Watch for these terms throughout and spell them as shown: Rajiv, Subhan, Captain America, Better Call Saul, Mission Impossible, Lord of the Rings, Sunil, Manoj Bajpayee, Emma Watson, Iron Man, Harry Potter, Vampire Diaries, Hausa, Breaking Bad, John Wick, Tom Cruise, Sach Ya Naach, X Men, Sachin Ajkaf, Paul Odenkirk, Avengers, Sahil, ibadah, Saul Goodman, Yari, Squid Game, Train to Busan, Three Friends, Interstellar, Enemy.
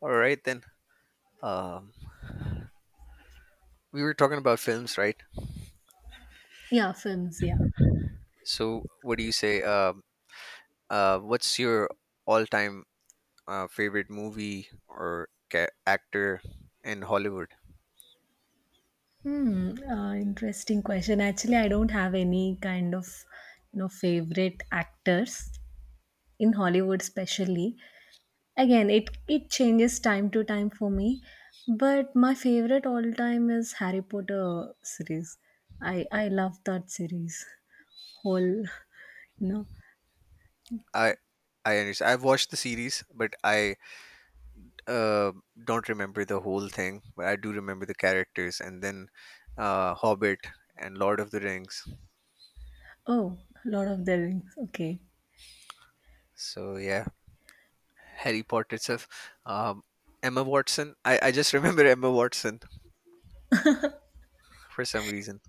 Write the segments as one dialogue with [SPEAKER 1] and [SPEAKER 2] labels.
[SPEAKER 1] All right then. Um, we were talking about films, right?
[SPEAKER 2] Yeah, films, yeah.
[SPEAKER 1] So, what do you say? What's your all-time favorite movie or actor in Hollywood?
[SPEAKER 2] Interesting question. Actually, I don't have any kind of favorite actors in Hollywood especially. Again, it changes time to time for me, but my favorite all time is Harry Potter series. I love that series. Whole. you know.
[SPEAKER 1] I I understand. I've watched the series, but I uh, don't remember the whole thing. But I do remember the characters, and then Hobbit and Lord of the Rings.
[SPEAKER 2] Oh, Lord of the Rings. Okay.
[SPEAKER 1] So yeah, Harry Potter itself. Um, Emma Watson. I just remember Emma Watson for some reason.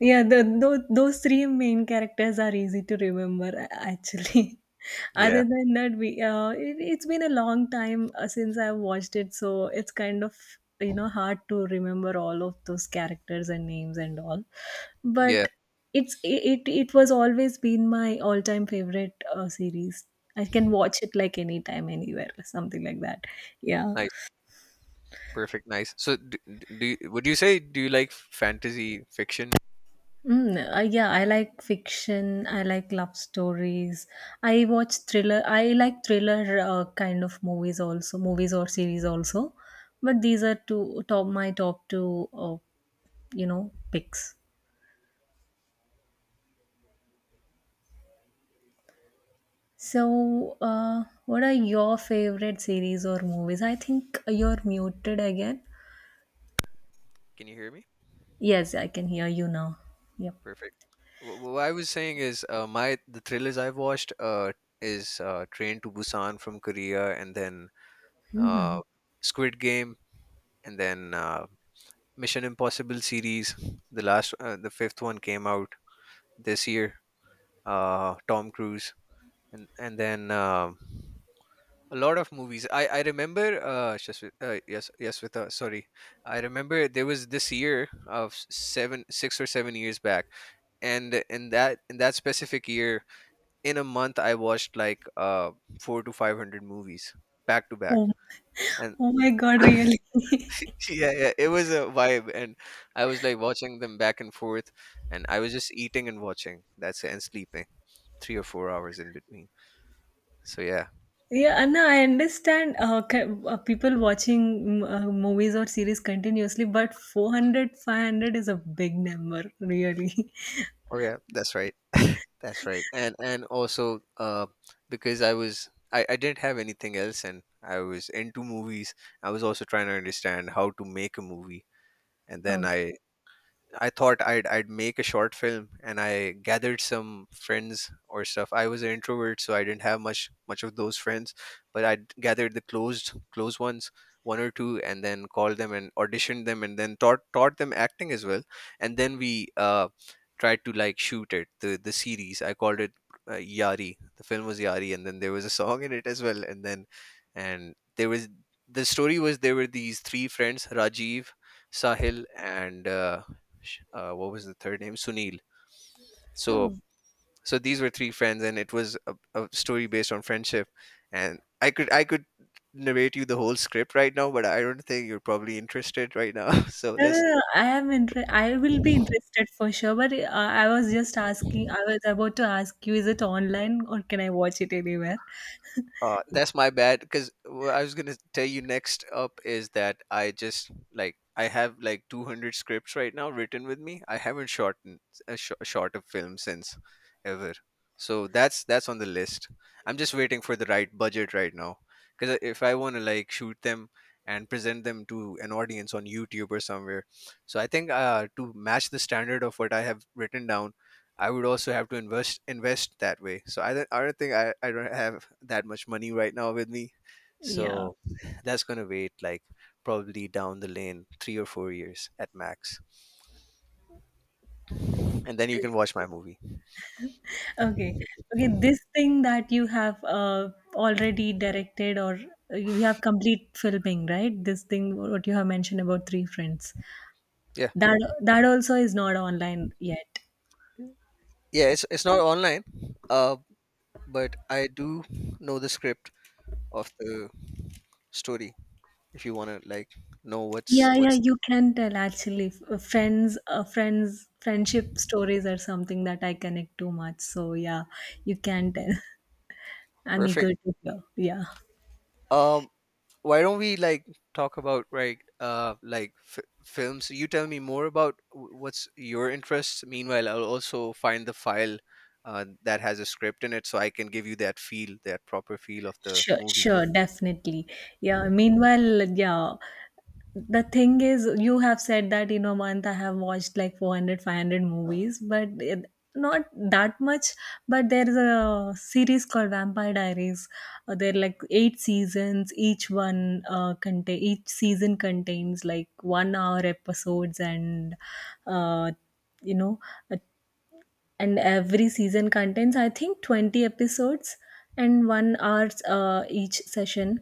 [SPEAKER 2] Yeah, those three main characters are easy to remember actually.
[SPEAKER 1] Yeah.
[SPEAKER 2] Other than that, we it's been a long time since I've watched it, so it's kind of hard to remember all of those characters and names and all.
[SPEAKER 1] Yeah.
[SPEAKER 2] But it was always been my all time favorite series. I can watch it like anytime, anywhere, something like that. Yeah.
[SPEAKER 1] Nice, perfect, nice. So, do you, would you say do you like fantasy fiction?
[SPEAKER 2] Yeah, I like fiction. I like love stories. I watch thriller. I like thriller kind of movies also, movies or series also. But these are two top my top two, picks. So, what are your favorite series or movies? I think you're muted again.
[SPEAKER 1] Can you hear me?
[SPEAKER 2] Yes, I can hear you now. Yep.
[SPEAKER 1] Perfect. What I was saying is, my the thrillers I've watched is Train to Busan from Korea, and then uh,
[SPEAKER 2] Hmm.
[SPEAKER 1] Squid Game, and then Mission Impossible series. The last, the fifth one came out this year. Tom Cruise, and then a lot of movies. I remember. Yes, yes, with sorry, I remember there was this year of seven, 6 or 7 years back, and in that specific year, in a month, I watched like four to five hundred movies back to back,
[SPEAKER 2] Oh,
[SPEAKER 1] and
[SPEAKER 2] oh my God, really?
[SPEAKER 1] yeah, yeah, it was a vibe, and I was like watching them back and forth, and I was just eating and watching. That's it, and sleeping 3 or 4 hours in between. So yeah.
[SPEAKER 2] Yeah, Anna, I understand people watching movies or series continuously, but 400, 500 is a big number, really.
[SPEAKER 1] Oh yeah, that's right. That's right. And also because I didn't have anything else and I was into movies. I was also trying to understand how to make a movie, and then
[SPEAKER 2] Okay.
[SPEAKER 1] I thought I'd make a short film, and I gathered some friends or stuff. I was an introvert, so I didn't have much of those friends, but I gathered the close ones, one or two, and then called them and auditioned them, and then taught them acting as well. And then we tried to like shoot it the series. I called it Yari. The film was Yari, and then there was a song in it as well. And then and there was, the story was there were these three friends, Rajiv, Sahil, and what was the third name? Sunil.
[SPEAKER 2] Oh.
[SPEAKER 1] So so these were three friends, and it was a story based on friendship. And I could narrate you the whole script right now, but I don't think you're probably interested right now. So
[SPEAKER 2] No, no,
[SPEAKER 1] let's,
[SPEAKER 2] no. I will be interested for sure, but I was just asking, I was about to ask you, is it online or can I watch it anywhere?
[SPEAKER 1] That's my bad because I was gonna tell you next up is that I just like I have like 200 scripts right now written with me. I haven't shot a sh- short a film since ever, so that's on the list. I'm just waiting for the right budget right now because if I want to like shoot them and present them to an audience on YouTube or somewhere. So I think to match the standard of what I have written down, I would also have to invest that way. So I don't think I don't have that much money right now with me.
[SPEAKER 2] Yeah.
[SPEAKER 1] So that's gonna wait like probably down the lane, 3 or 4 years at max, and then you can watch my movie.
[SPEAKER 2] Okay. Okay, this thing that you have already directed, or you have complete filming, right? This thing what you have mentioned about Three Friends.
[SPEAKER 1] Yeah,
[SPEAKER 2] That also is not online yet.
[SPEAKER 1] yeah. It's not online, uh, but I do know the script of the story. If you wanna like know
[SPEAKER 2] Yeah, yeah,
[SPEAKER 1] what's,
[SPEAKER 2] you can tell actually. Friendship stories are something that I connect too much. So yeah, you can tell. I'm
[SPEAKER 1] perfect.
[SPEAKER 2] eager to hear. Yeah.
[SPEAKER 1] Um, why don't we like talk about right like films? You tell me more about what's your interests. Meanwhile, I'll also find the file that has a script in it, so I can give you that feel, that proper feel of the
[SPEAKER 2] Sure,
[SPEAKER 1] movie.
[SPEAKER 2] sure, definitely. Yeah. Meanwhile, yeah, the thing is, you have said that in a month I have watched like 400, 500 movies, but not that much. But there's a series called Vampire Diaries. There are like eight seasons. Each one uh, contain each season contains like 1 hour episodes, and uh, you know uh, every season contains, I think, 20 episodes and 1 hour each session.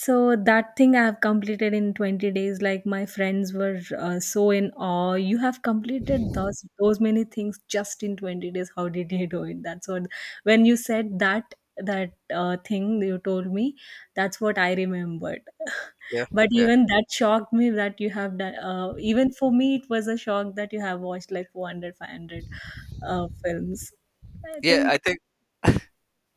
[SPEAKER 2] So that thing I have completed in 20 days. Like, my friends were so in awe. You have completed those many things just in 20 days. How did you do it? That's what, when you said that thing you told me, that's what I remembered.
[SPEAKER 1] Yeah,
[SPEAKER 2] But
[SPEAKER 1] yeah,
[SPEAKER 2] even that shocked me that you have done, even for me it was a shock that you have watched like 400 500 films, I
[SPEAKER 1] yeah. I
[SPEAKER 2] think.
[SPEAKER 1] think.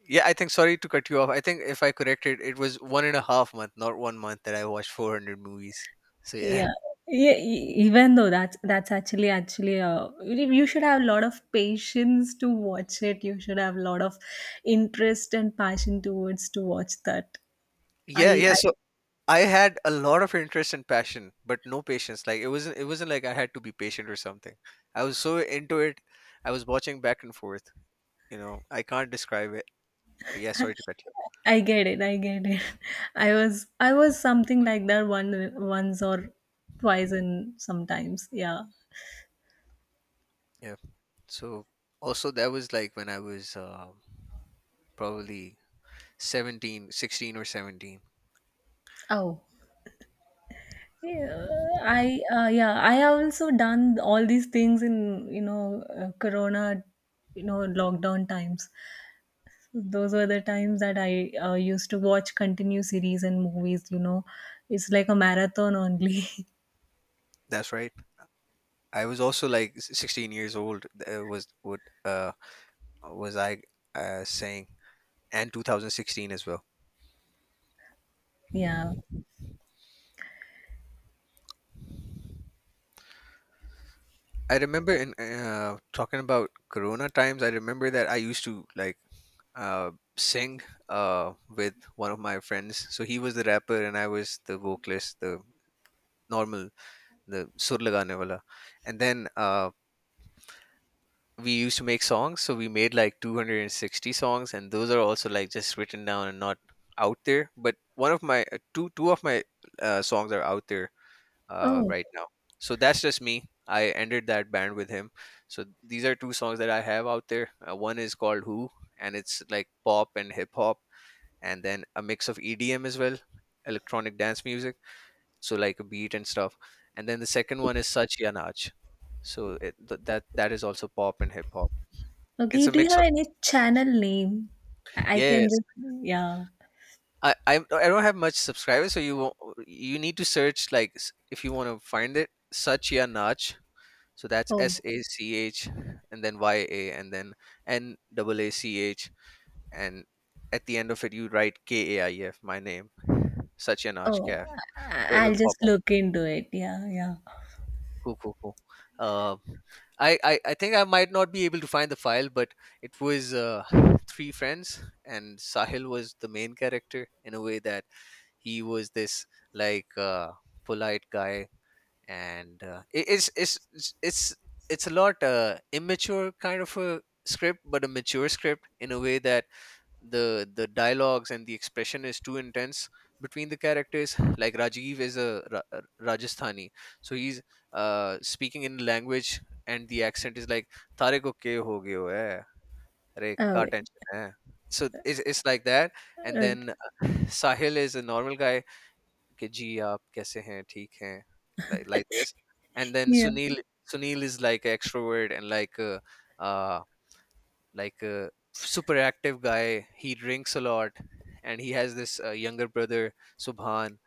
[SPEAKER 1] Yeah, I think. Sorry to cut you off. I think if I corrected, it was one and a half month, not one month, that I watched 400 movies. So yeah,
[SPEAKER 2] Yeah, yeah, even though that's actually you should have a lot of patience to watch it. You should have a lot of interest and passion towards to watch that.
[SPEAKER 1] yeah,
[SPEAKER 2] I
[SPEAKER 1] yeah.
[SPEAKER 2] I
[SPEAKER 1] So I had a lot of interest and passion, but no patience. Like it wasn't like I had to be patient or something. I was so into it. I was watching back and forth. You know, I can't describe it. Yeah, sorry to cut you.
[SPEAKER 2] I get it. I get it. I was something like that one once or twice and sometimes. Yeah.
[SPEAKER 1] Yeah. So also that was like when I was probably seventeen, sixteen, or 17.
[SPEAKER 2] Oh, yeah, I have also done all these things in, Corona, lockdown times. Those were the times that I used to watch continuous series and movies. It's like a marathon only.
[SPEAKER 1] That's right. I was also like 16 years old. Was what was I saying And 2016 as well.
[SPEAKER 2] Yeah.
[SPEAKER 1] I remember in talking about Corona times. I remember that I used to like uh, sing with one of my friends. So he was the rapper and I was the vocalist, the normal, the sur lagane wala. And then we used to make songs. So we made like 260 songs, and those are also like just written down and not out there. But one of my two two of my songs are out there
[SPEAKER 2] Oh,
[SPEAKER 1] right now. So that's just me. I ended that band with him. So these are two songs that I have out there. One is called Who, and it's like pop and hip hop, and then a mix of EDM as well, electronic dance music. So like a beat and stuff. And then the second one is Sach Ya Naach. So that that is also pop and hip hop. It's
[SPEAKER 2] okay.
[SPEAKER 1] a
[SPEAKER 2] Do you
[SPEAKER 1] mix
[SPEAKER 2] have
[SPEAKER 1] of,
[SPEAKER 2] any channel name? I can
[SPEAKER 1] yes.
[SPEAKER 2] just yeah.
[SPEAKER 1] I don't have much subscribers, so you won't, you need to search like if you want to find it. Sach Ya Naach. So that's S
[SPEAKER 2] Oh.
[SPEAKER 1] A C H and then Y A and then N double AACH, and at the end of it you write KAIEF, my name, Sachin
[SPEAKER 2] Oh,
[SPEAKER 1] Ajkaf. So it
[SPEAKER 2] I'll
[SPEAKER 1] will pop
[SPEAKER 2] just
[SPEAKER 1] up.
[SPEAKER 2] look into it. Yeah, yeah.
[SPEAKER 1] Cool, cool, cool. Uh, I think I might not be able to find the file, but it was three friends and Sahil was the main character in a way that he was this like polite guy. And it, it's a lot immature kind of a script but a mature script in a way that the dialogues and the expression is too intense between the characters. Like Rajiv is a Rajasthani, so he's speaking in language, and the accent is like, tare ko ke ho gaye ho hai, अरे का
[SPEAKER 2] Okay.
[SPEAKER 1] Tension है. So it's like that. And
[SPEAKER 2] Okay.
[SPEAKER 1] then Sahil is a normal guy, कि जी आप कैसे हैं ठीक हैं, like this. And then
[SPEAKER 2] Yeah.
[SPEAKER 1] Sunil, Sunil is like an extrovert and like uh like a super active guy. He drinks a lot and he has this younger brother, Subhan.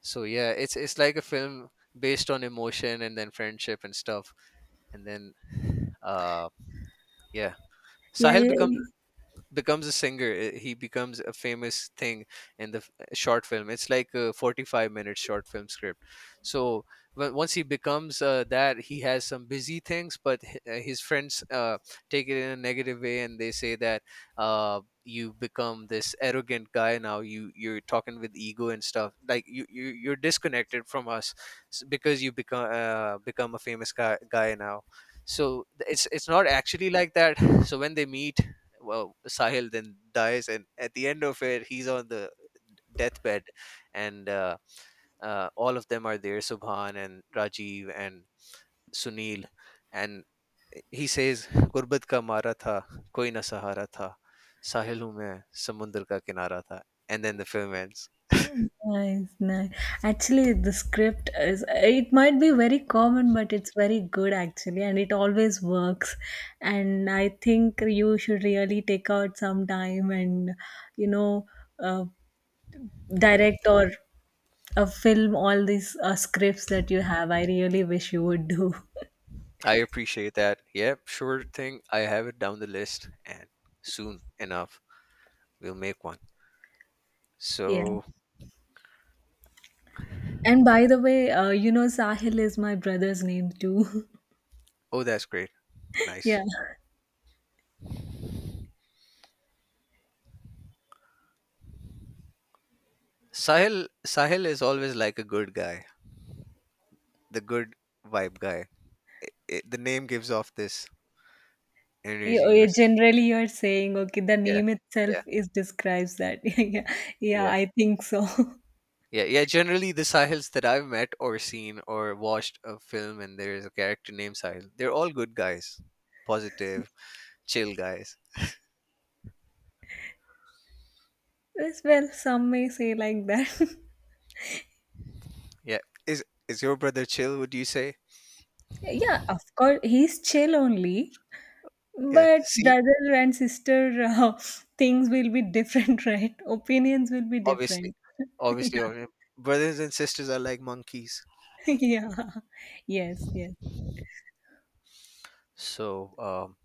[SPEAKER 1] So yeah, it's like a film based on emotion and then friendship and stuff. And then uh yeah,
[SPEAKER 2] Yeah,
[SPEAKER 1] Sahil
[SPEAKER 2] yeah. Yeah.
[SPEAKER 1] becomes a singer. He becomes a famous thing in the short film. It's like a 45-minute short film script. So once he becomes that, he has some busy things, but his friends take it in a negative way and they say that you become this arrogant guy now. You you're talking with ego and stuff like you you're disconnected from us because you become a famous guy now. So it's not actually like that. So when they meet, well, Sahil then dies, and at the end of it, he's on the deathbed, and all of them are there: Subhan and Rajiv and Sunil, and he says, "गुर्बत का मारा था, कोई ना सहारा था, साहिल हूँ samundar ka किनारा tha." And then the film ends.
[SPEAKER 2] Nice, nice. Actually, the script is, it might be very common, but it's very good actually, and it always works. And I think you should really take out some time and, you know, uh, direct or film all these scripts that you have. I really wish you would do.
[SPEAKER 1] I appreciate that. Yeah, sure thing. I have it down the list, and soon enough, we'll make one.
[SPEAKER 2] Yeah.
[SPEAKER 1] So,
[SPEAKER 2] And by the way, Sahil is my brother's name too.
[SPEAKER 1] oh, that's great. Nice.
[SPEAKER 2] Yeah.
[SPEAKER 1] Sahil is always like a good guy, the good vibe guy. I The name gives off this energy
[SPEAKER 2] Generally, you're saying, okay, the
[SPEAKER 1] yeah,
[SPEAKER 2] name itself
[SPEAKER 1] yeah,
[SPEAKER 2] is describes that. Yeah, yeah,
[SPEAKER 1] yeah.
[SPEAKER 2] I think so.
[SPEAKER 1] Yeah, yeah. Generally, the Sahils that I've met or seen or watched a film, and there is a character named Sahil, they're all good guys, positive, chill guys.
[SPEAKER 2] Yes, well, some may say like that.
[SPEAKER 1] Yeah. Is your brother chill? Would you say?
[SPEAKER 2] Yeah, of course, he's chill only,
[SPEAKER 1] Yeah.
[SPEAKER 2] but
[SPEAKER 1] See,
[SPEAKER 2] brother and sister, things will be different, right? Opinions will be
[SPEAKER 1] obviously,
[SPEAKER 2] different. Yeah,
[SPEAKER 1] obviously, brothers and sisters are like monkeys.
[SPEAKER 2] yeah, yes, yes.
[SPEAKER 1] So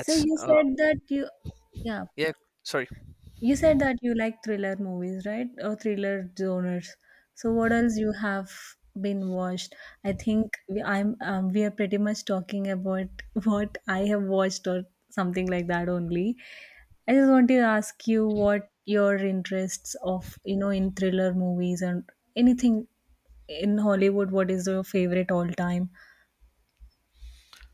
[SPEAKER 2] So, yeah,
[SPEAKER 1] yeah. Sorry.
[SPEAKER 2] you said that you like thriller movies, right? Or thriller genres. So what else you have been watched? I think we are pretty much talking about, what I have watched, or something like that only. I just want to ask you what your interests of, in thriller movies and anything in Hollywood. What is your favorite all time?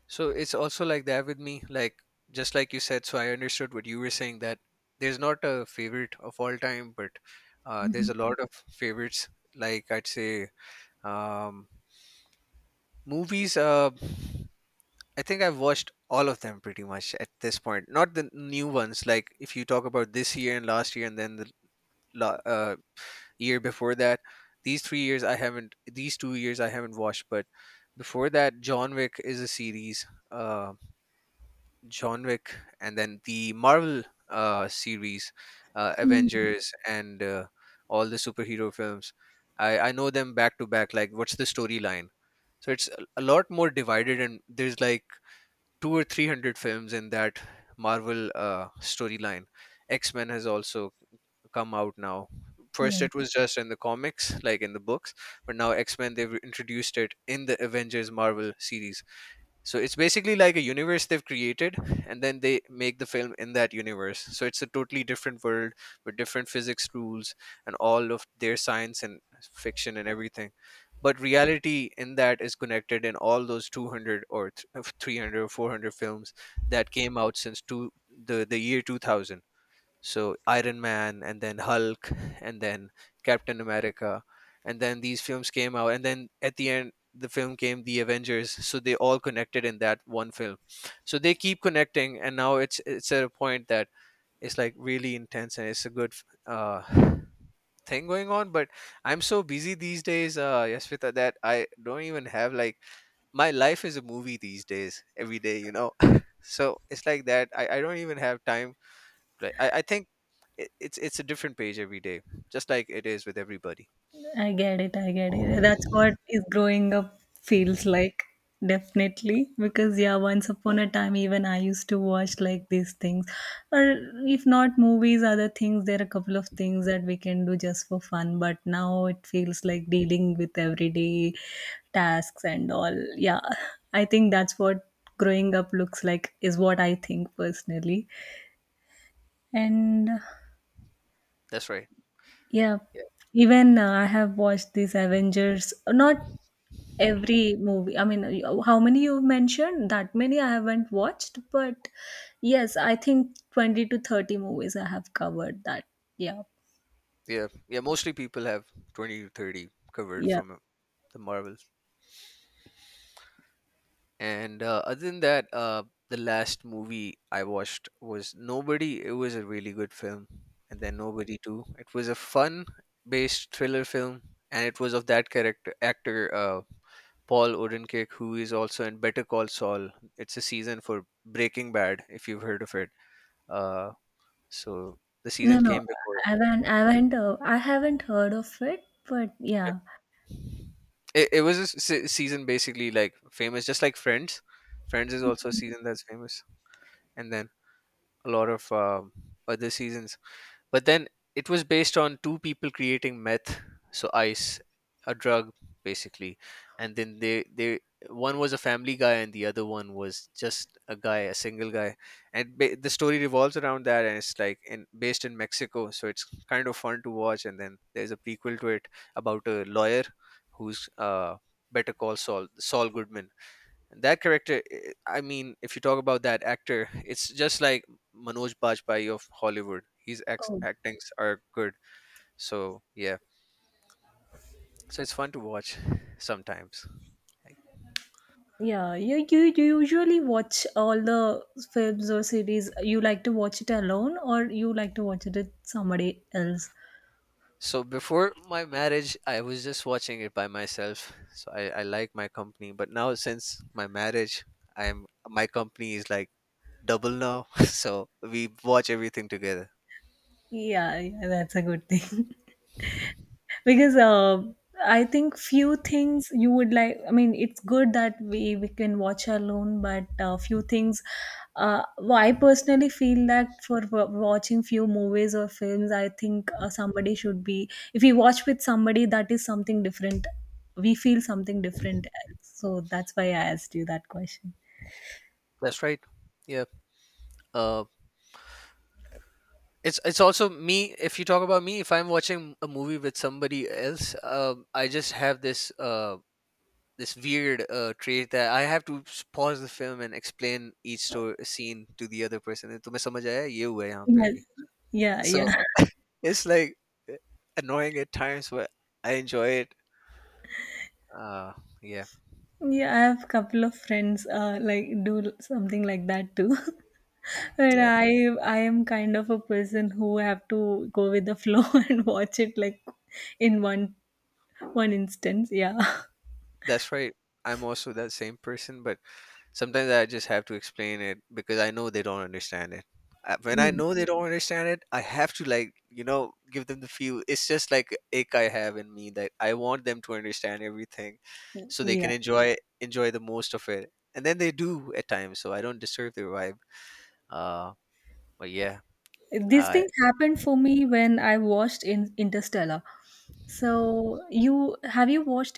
[SPEAKER 1] So it's also like that with me, like just like you said. So I understood what you were saying that there's not a favorite of all time, but there's a lot of favorites. Like I'd say, um, movies. I think I've watched all of them pretty much at this point. Not the new ones. Like if you talk about this year and last year, and then the la- uh, year before that, these 3 years I haven't. These 2 years I haven't watched, but before that, John Wick is a series. Um John Wick, and then the Marvel series, Avengers, and all the superhero films. I know them back to back. Like, what's the storyline? So it's a lot more divided, and there's like two or three hundred films in that Marvel storyline. X Men has also come out now. First,
[SPEAKER 2] Yes.
[SPEAKER 1] it was just in the comics, like in the books, but now X Men they've introduced it in the Avengers Marvel series, so it's basically like a universe they've created, and then they make the film in that universe, so it's a totally different world with different physics rules and all of their science and fiction and everything. But reality in that is connected in all those 200 or 300 or 400 films that came out since the year 2000. So Iron Man and then Hulk and then Captain America, and then these films came out, and then at the end the film came the Avengers, so they all connected in that one film. So they keep connecting, and now it's at a point that it's like really intense, and it's a good uh thing going on. But I'm so busy these days, Yasvita, that I don't even have, like, my life is a movie these days every day, so it's like that. I don't even have time. Right. I think it's a different page every day, just like it is with everybody.
[SPEAKER 2] I get it, I get it. That's what is growing up feels like, definitely. Because yeah, once upon a time, even I used to watch like these things, or if not movies, other things. There are a couple of things that we can do just for fun. But now it feels like dealing with everyday tasks and all. Yeah, I think that's what growing up looks like, is what I think personally. And
[SPEAKER 1] That's right.
[SPEAKER 2] yeah,
[SPEAKER 1] Yeah,
[SPEAKER 2] even, I have watched these Avengers, not every movie. I mean, how many you've mentioned, that many I haven't watched, but yes, I think 20 to 30 movies I have covered that. Yeah,
[SPEAKER 1] yeah, yeah, mostly people have 20 to 30 covered
[SPEAKER 2] yeah.
[SPEAKER 1] from the Marvels. And other than that, the last movie I watched was Nobody. It was a really good film. And then Nobody Too, it was a fun based thriller film. And it was of that character actor, Paul Odenkirk, who is also in Better Call Saul. It's a season for Breaking Bad, if you've heard of it. Uh, so the
[SPEAKER 2] No,
[SPEAKER 1] season
[SPEAKER 2] no,
[SPEAKER 1] came
[SPEAKER 2] i
[SPEAKER 1] before
[SPEAKER 2] haven't i haven't uh, i haven't heard of it, but
[SPEAKER 1] that.
[SPEAKER 2] yeah.
[SPEAKER 1] It was a season basically like famous, just like Friends. Friends is also a season that's famous, and then a lot of other seasons. But then it was based on two people creating meth, so ice, a drug basically, and then they one was a family guy and the other one was just a guy, a single guy, and the story revolves around that, and it's like in based in Mexico, so it's kind of fun to watch. And then there's a prequel to it about a lawyer who's, Better Call Saul, Saul Goodman, that character. I mean, if you talk about that actor, it's just like Manoj Bajpayee of Hollywood. His
[SPEAKER 2] Oh,
[SPEAKER 1] actings are good. So yeah. So it's fun to watch sometimes. Like,
[SPEAKER 2] yeah you usually watch all the films or series, you like to watch it alone, or you like to watch it with somebody else?
[SPEAKER 1] so before my marriage I was just watching it by myself, so I like my company. But now since my marriage, I'm my company is like double now, so we watch everything together.
[SPEAKER 2] Yeah, yeah, that's a good thing, because I think few things you would like, I mean, it's good that we can watch alone, but few things, well, I personally feel that for watching few movies or films, I think somebody should be, if we watch with somebody, that is something different, we feel something different. So that's why I asked you that question.
[SPEAKER 1] That's right. Yeah. uh it's also me, if you talk about me. If I'm watching a movie with somebody else, I just have this, this weird, trait that I have to pause the film and explain each story, scene, to the other person. Tumhe samajh aaya ye hua यहाँ पे
[SPEAKER 2] Yes,
[SPEAKER 1] abhi.
[SPEAKER 2] yeah,
[SPEAKER 1] So
[SPEAKER 2] yeah.
[SPEAKER 1] it's like, eh, annoying at times, but I enjoy it. uh, yeah.
[SPEAKER 2] Yeah, I have couple of friends, like, do something like that too. And
[SPEAKER 1] Yeah,
[SPEAKER 2] I am kind of a person who have to go with the flow and watch it like in one instance. Yeah.
[SPEAKER 1] that's right. I'm also that same person, but sometimes I just have to explain it because I know they don't understand it. When I
[SPEAKER 2] Mm.
[SPEAKER 1] know they don't understand it, I have to, like, give them the feel. It's just like ache I have in me that I want them to understand everything, so they can
[SPEAKER 2] Yeah.
[SPEAKER 1] enjoy the most of it. And then they do at times, so I don't disturb their vibe. Uh, but yeah.
[SPEAKER 2] This
[SPEAKER 1] I
[SPEAKER 2] thing happened for me when I watched in Interstellar. So you watched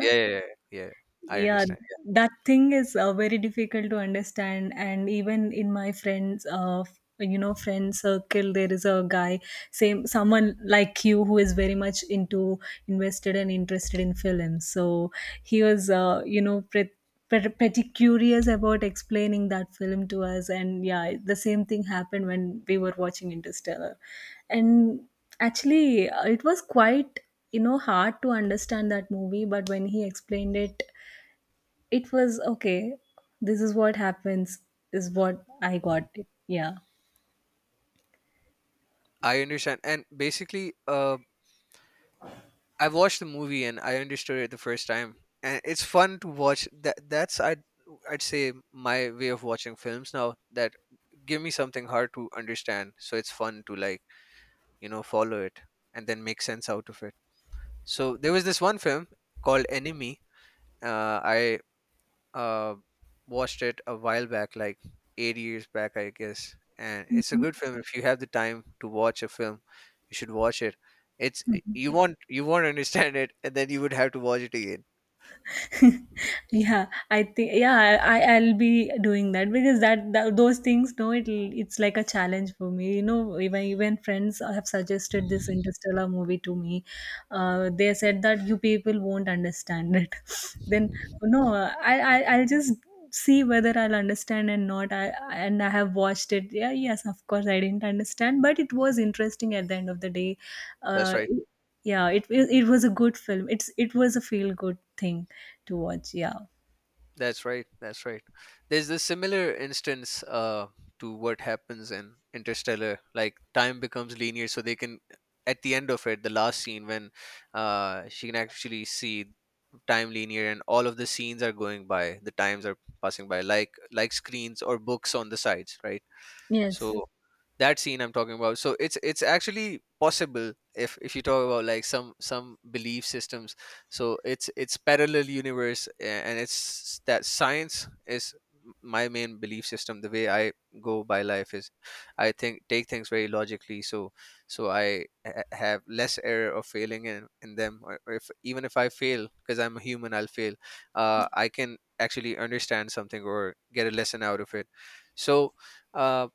[SPEAKER 1] Yeah, yeah, yeah, yeah, yeah, I
[SPEAKER 2] Yeah,
[SPEAKER 1] understand.
[SPEAKER 2] that thing is very difficult to understand. And even in my friends, friend circle, there is a guy, same someone like you who is very much into invested and interested in films. So he was, pretty curious about explaining that film to us. And yeah, the same thing happened when we were watching Interstellar. And actually, it was quite, hard to understand that movie, but when he explained it was okay. This is what happens, is what I got. Yeah.
[SPEAKER 1] I understand. And basically, I watched the movie and I understood it the first time, and it's fun to watch. That's I'd say my way of watching films now. That, give me something hard to understand, so it's fun to, like, follow it and then make sense out of it. So there was this one film called Enemy. I uh, watched it a while back, like 8 years back, I guess. And it's a good film. If you have the time to watch a film, you should watch it. It's you won't understand it, and then you would have to watch it again.
[SPEAKER 2] Yeah, I think. Yeah, I will be doing that, because that, that those things, no, it's like a challenge for me, even friends have suggested this Interstellar movie to me. They said that you people won't understand it. Then no, I'll just see whether I'll understand and not. I And I have watched it. Yeah, yes, of course, I didn't understand, but it was interesting at the end of the day.
[SPEAKER 1] That's
[SPEAKER 2] uh
[SPEAKER 1] why
[SPEAKER 2] yeah, it was a good film. It was a feel good thing to watch. Yeah.
[SPEAKER 1] That's right. That's right. There's a similar instance, to what happens in Interstellar. Like, time becomes linear, so they can, at the end of it, the last scene, when she can actually see time linear, and all of the scenes are going by. The times are passing by, like screens or books on the sides, right?
[SPEAKER 2] Yes.
[SPEAKER 1] So that scene I'm talking about. So it's actually possible if you talk about, like, some belief systems. So it's parallel universe, and it's that science is my main belief system. The way I go by life is I think take things very logically. So I have less error of failing in them, or if even if I fail, because I'm a human, I'll fail. I can actually understand something or get a lesson out of it. So, uh,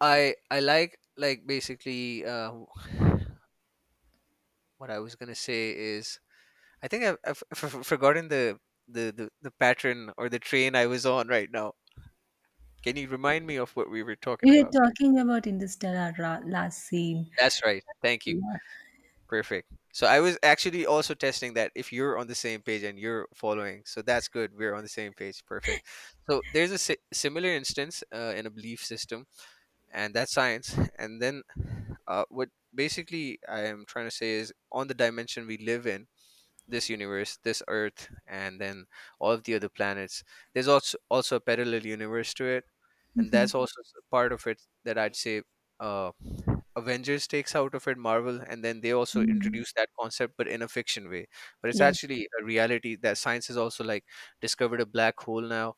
[SPEAKER 1] I like, basically, what I was gonna say is I think I've forgotten the pattern or the train I was on right now. Can you remind me of what we were talking
[SPEAKER 2] You were
[SPEAKER 1] about?
[SPEAKER 2] talking about Interstellar last scene.
[SPEAKER 1] That's right. Thank you.
[SPEAKER 2] Yeah.
[SPEAKER 1] Perfect. So I was actually also testing that if you're on the same page and you're following, so that's good. We're on the same page. Perfect. So there's a similar instance, in a belief system, and that's science. And then, what basically I am trying to say is, on the dimension we live in, this universe, this Earth, and then all of the other planets, there's also a parallel universe to it. And that's
[SPEAKER 2] Mhm.
[SPEAKER 1] also part of it, that I'd say. uh, Avengers takes out of it, Marvel, and then they also
[SPEAKER 2] Mhm.
[SPEAKER 1] introduce that concept, but in a fiction way. But it's
[SPEAKER 2] Yes.
[SPEAKER 1] actually a reality that science has also, like, discovered a black hole now.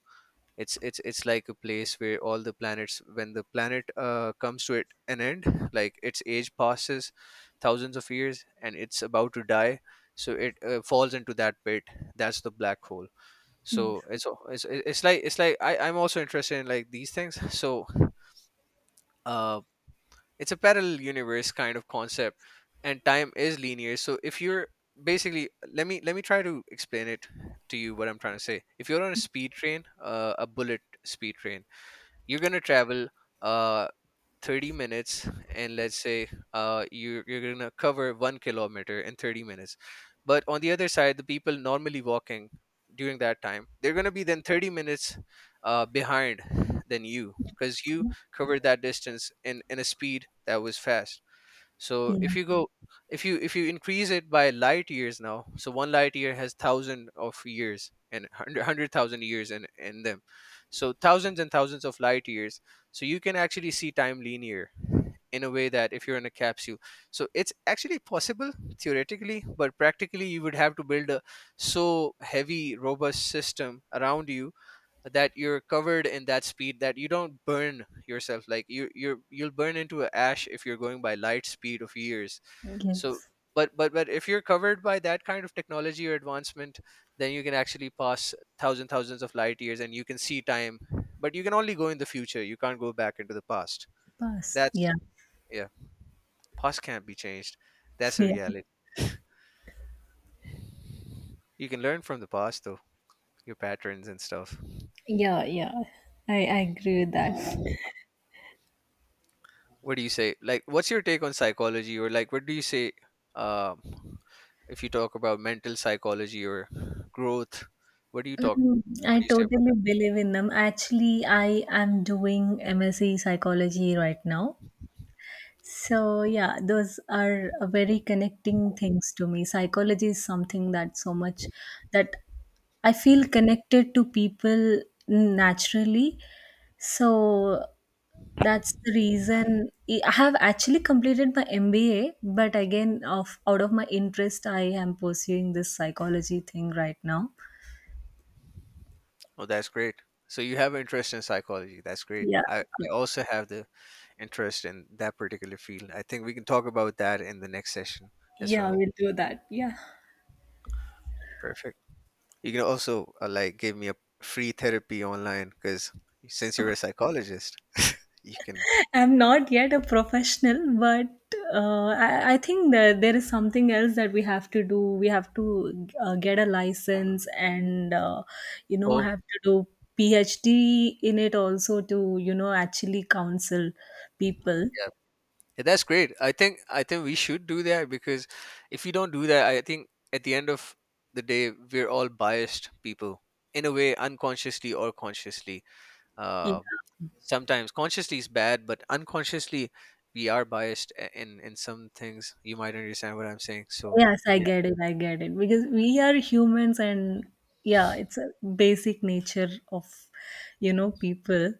[SPEAKER 1] It's like a place where all the planets, when the planet comes to it an end, like its age passes thousands of years and it's about to die, so it falls into that pit. That's the black hole. So
[SPEAKER 2] Yes.
[SPEAKER 1] it's like I'm also interested in, like, these things. So, uh, it's a parallel universe kind of concept, and time is linear. So, if you're basically let me try to explain it to you what I'm trying to say. If you're on a speed train, a bullet speed train, you're gonna travel uh 30 minutes, and let's say, you're gonna cover 1 kilometer in 30 minutes. But on the other side, the people normally walking during that time, they're gonna be then 30 minutes behind than you, because you covered that distance in a speed that was fast. So,
[SPEAKER 2] Yeah.
[SPEAKER 1] if you increase it by light years now, so 1 light year has thousand of years and hundred thousand years in them. So thousands and thousands of light years, so you can actually see time linear, in a way, that if you're in a capsule. So it's actually possible theoretically, but practically you would have to build a so heavy robust system around you, that you're covered in that speed that you don't burn yourself, like you'll burn into ash if you're going by light speed of years. So,
[SPEAKER 2] Yes.
[SPEAKER 1] but if you're covered by that kind of technology or advancement, then you can actually pass thousands of light years and you can see time. But you can only go in the future, you can't go back into the past.
[SPEAKER 2] Pass.
[SPEAKER 1] That's
[SPEAKER 2] Yeah.
[SPEAKER 1] Yeah. Past can't be changed. That's a
[SPEAKER 2] Yeah.
[SPEAKER 1] reality. You can learn from the past though, your patterns and stuff.
[SPEAKER 2] Yeah, yeah. I agree with that.
[SPEAKER 1] What do you say, like, what's your take on psychology? Or, like, what do you say, um if you talk about mental psychology or growth? what do you talk
[SPEAKER 2] Mhm.
[SPEAKER 1] what
[SPEAKER 2] I
[SPEAKER 1] do you say about
[SPEAKER 2] totally
[SPEAKER 1] that?
[SPEAKER 2] believe in them. Actually, I am doing MSc psychology right now. So yeah, those are very connecting things to me. Psychology is something that so much that I feel connected to people naturally. So that's the reason I have actually completed my MBA, but again, of out of my interest, I am pursuing this psychology thing right now.
[SPEAKER 1] Oh, that's great. So you have an interest in psychology. That's great.
[SPEAKER 2] Yeah,
[SPEAKER 1] I
[SPEAKER 2] yeah,
[SPEAKER 1] also have the interest in that particular field. I think we can talk about that in the next session as
[SPEAKER 2] yeah.
[SPEAKER 1] well.
[SPEAKER 2] We'll do that. Yeah.
[SPEAKER 1] Perfect. You can also, like, give me a free therapy online, because since you're a psychologist, you can.
[SPEAKER 2] I'm not yet a professional, but I think that there is something else that we have to do. We have to, get a license, and,
[SPEAKER 1] Oh.
[SPEAKER 2] have to do PhD in it also, to, actually counsel people.
[SPEAKER 1] Yeah, that's great. I think we should do that, because if we don't do that, I think at the end of the day, we're all biased people in a way, unconsciously or consciously.
[SPEAKER 2] Yeah.
[SPEAKER 1] Uh, sometimes consciously is bad, but unconsciously we are biased, in some things. You might understand what I'm saying. So
[SPEAKER 2] Yes, I
[SPEAKER 1] yeah,
[SPEAKER 2] get it. I get it. Because we are humans, and, yeah, it's a basic nature of, people.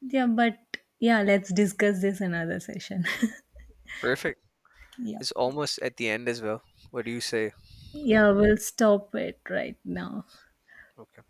[SPEAKER 2] Yeah, but yeah, let's discuss this another session.
[SPEAKER 1] perfect.
[SPEAKER 2] Yeah.
[SPEAKER 1] It's almost at the end as well. What do you say?
[SPEAKER 2] Yeah, we'll stop it right now.
[SPEAKER 1] Okay.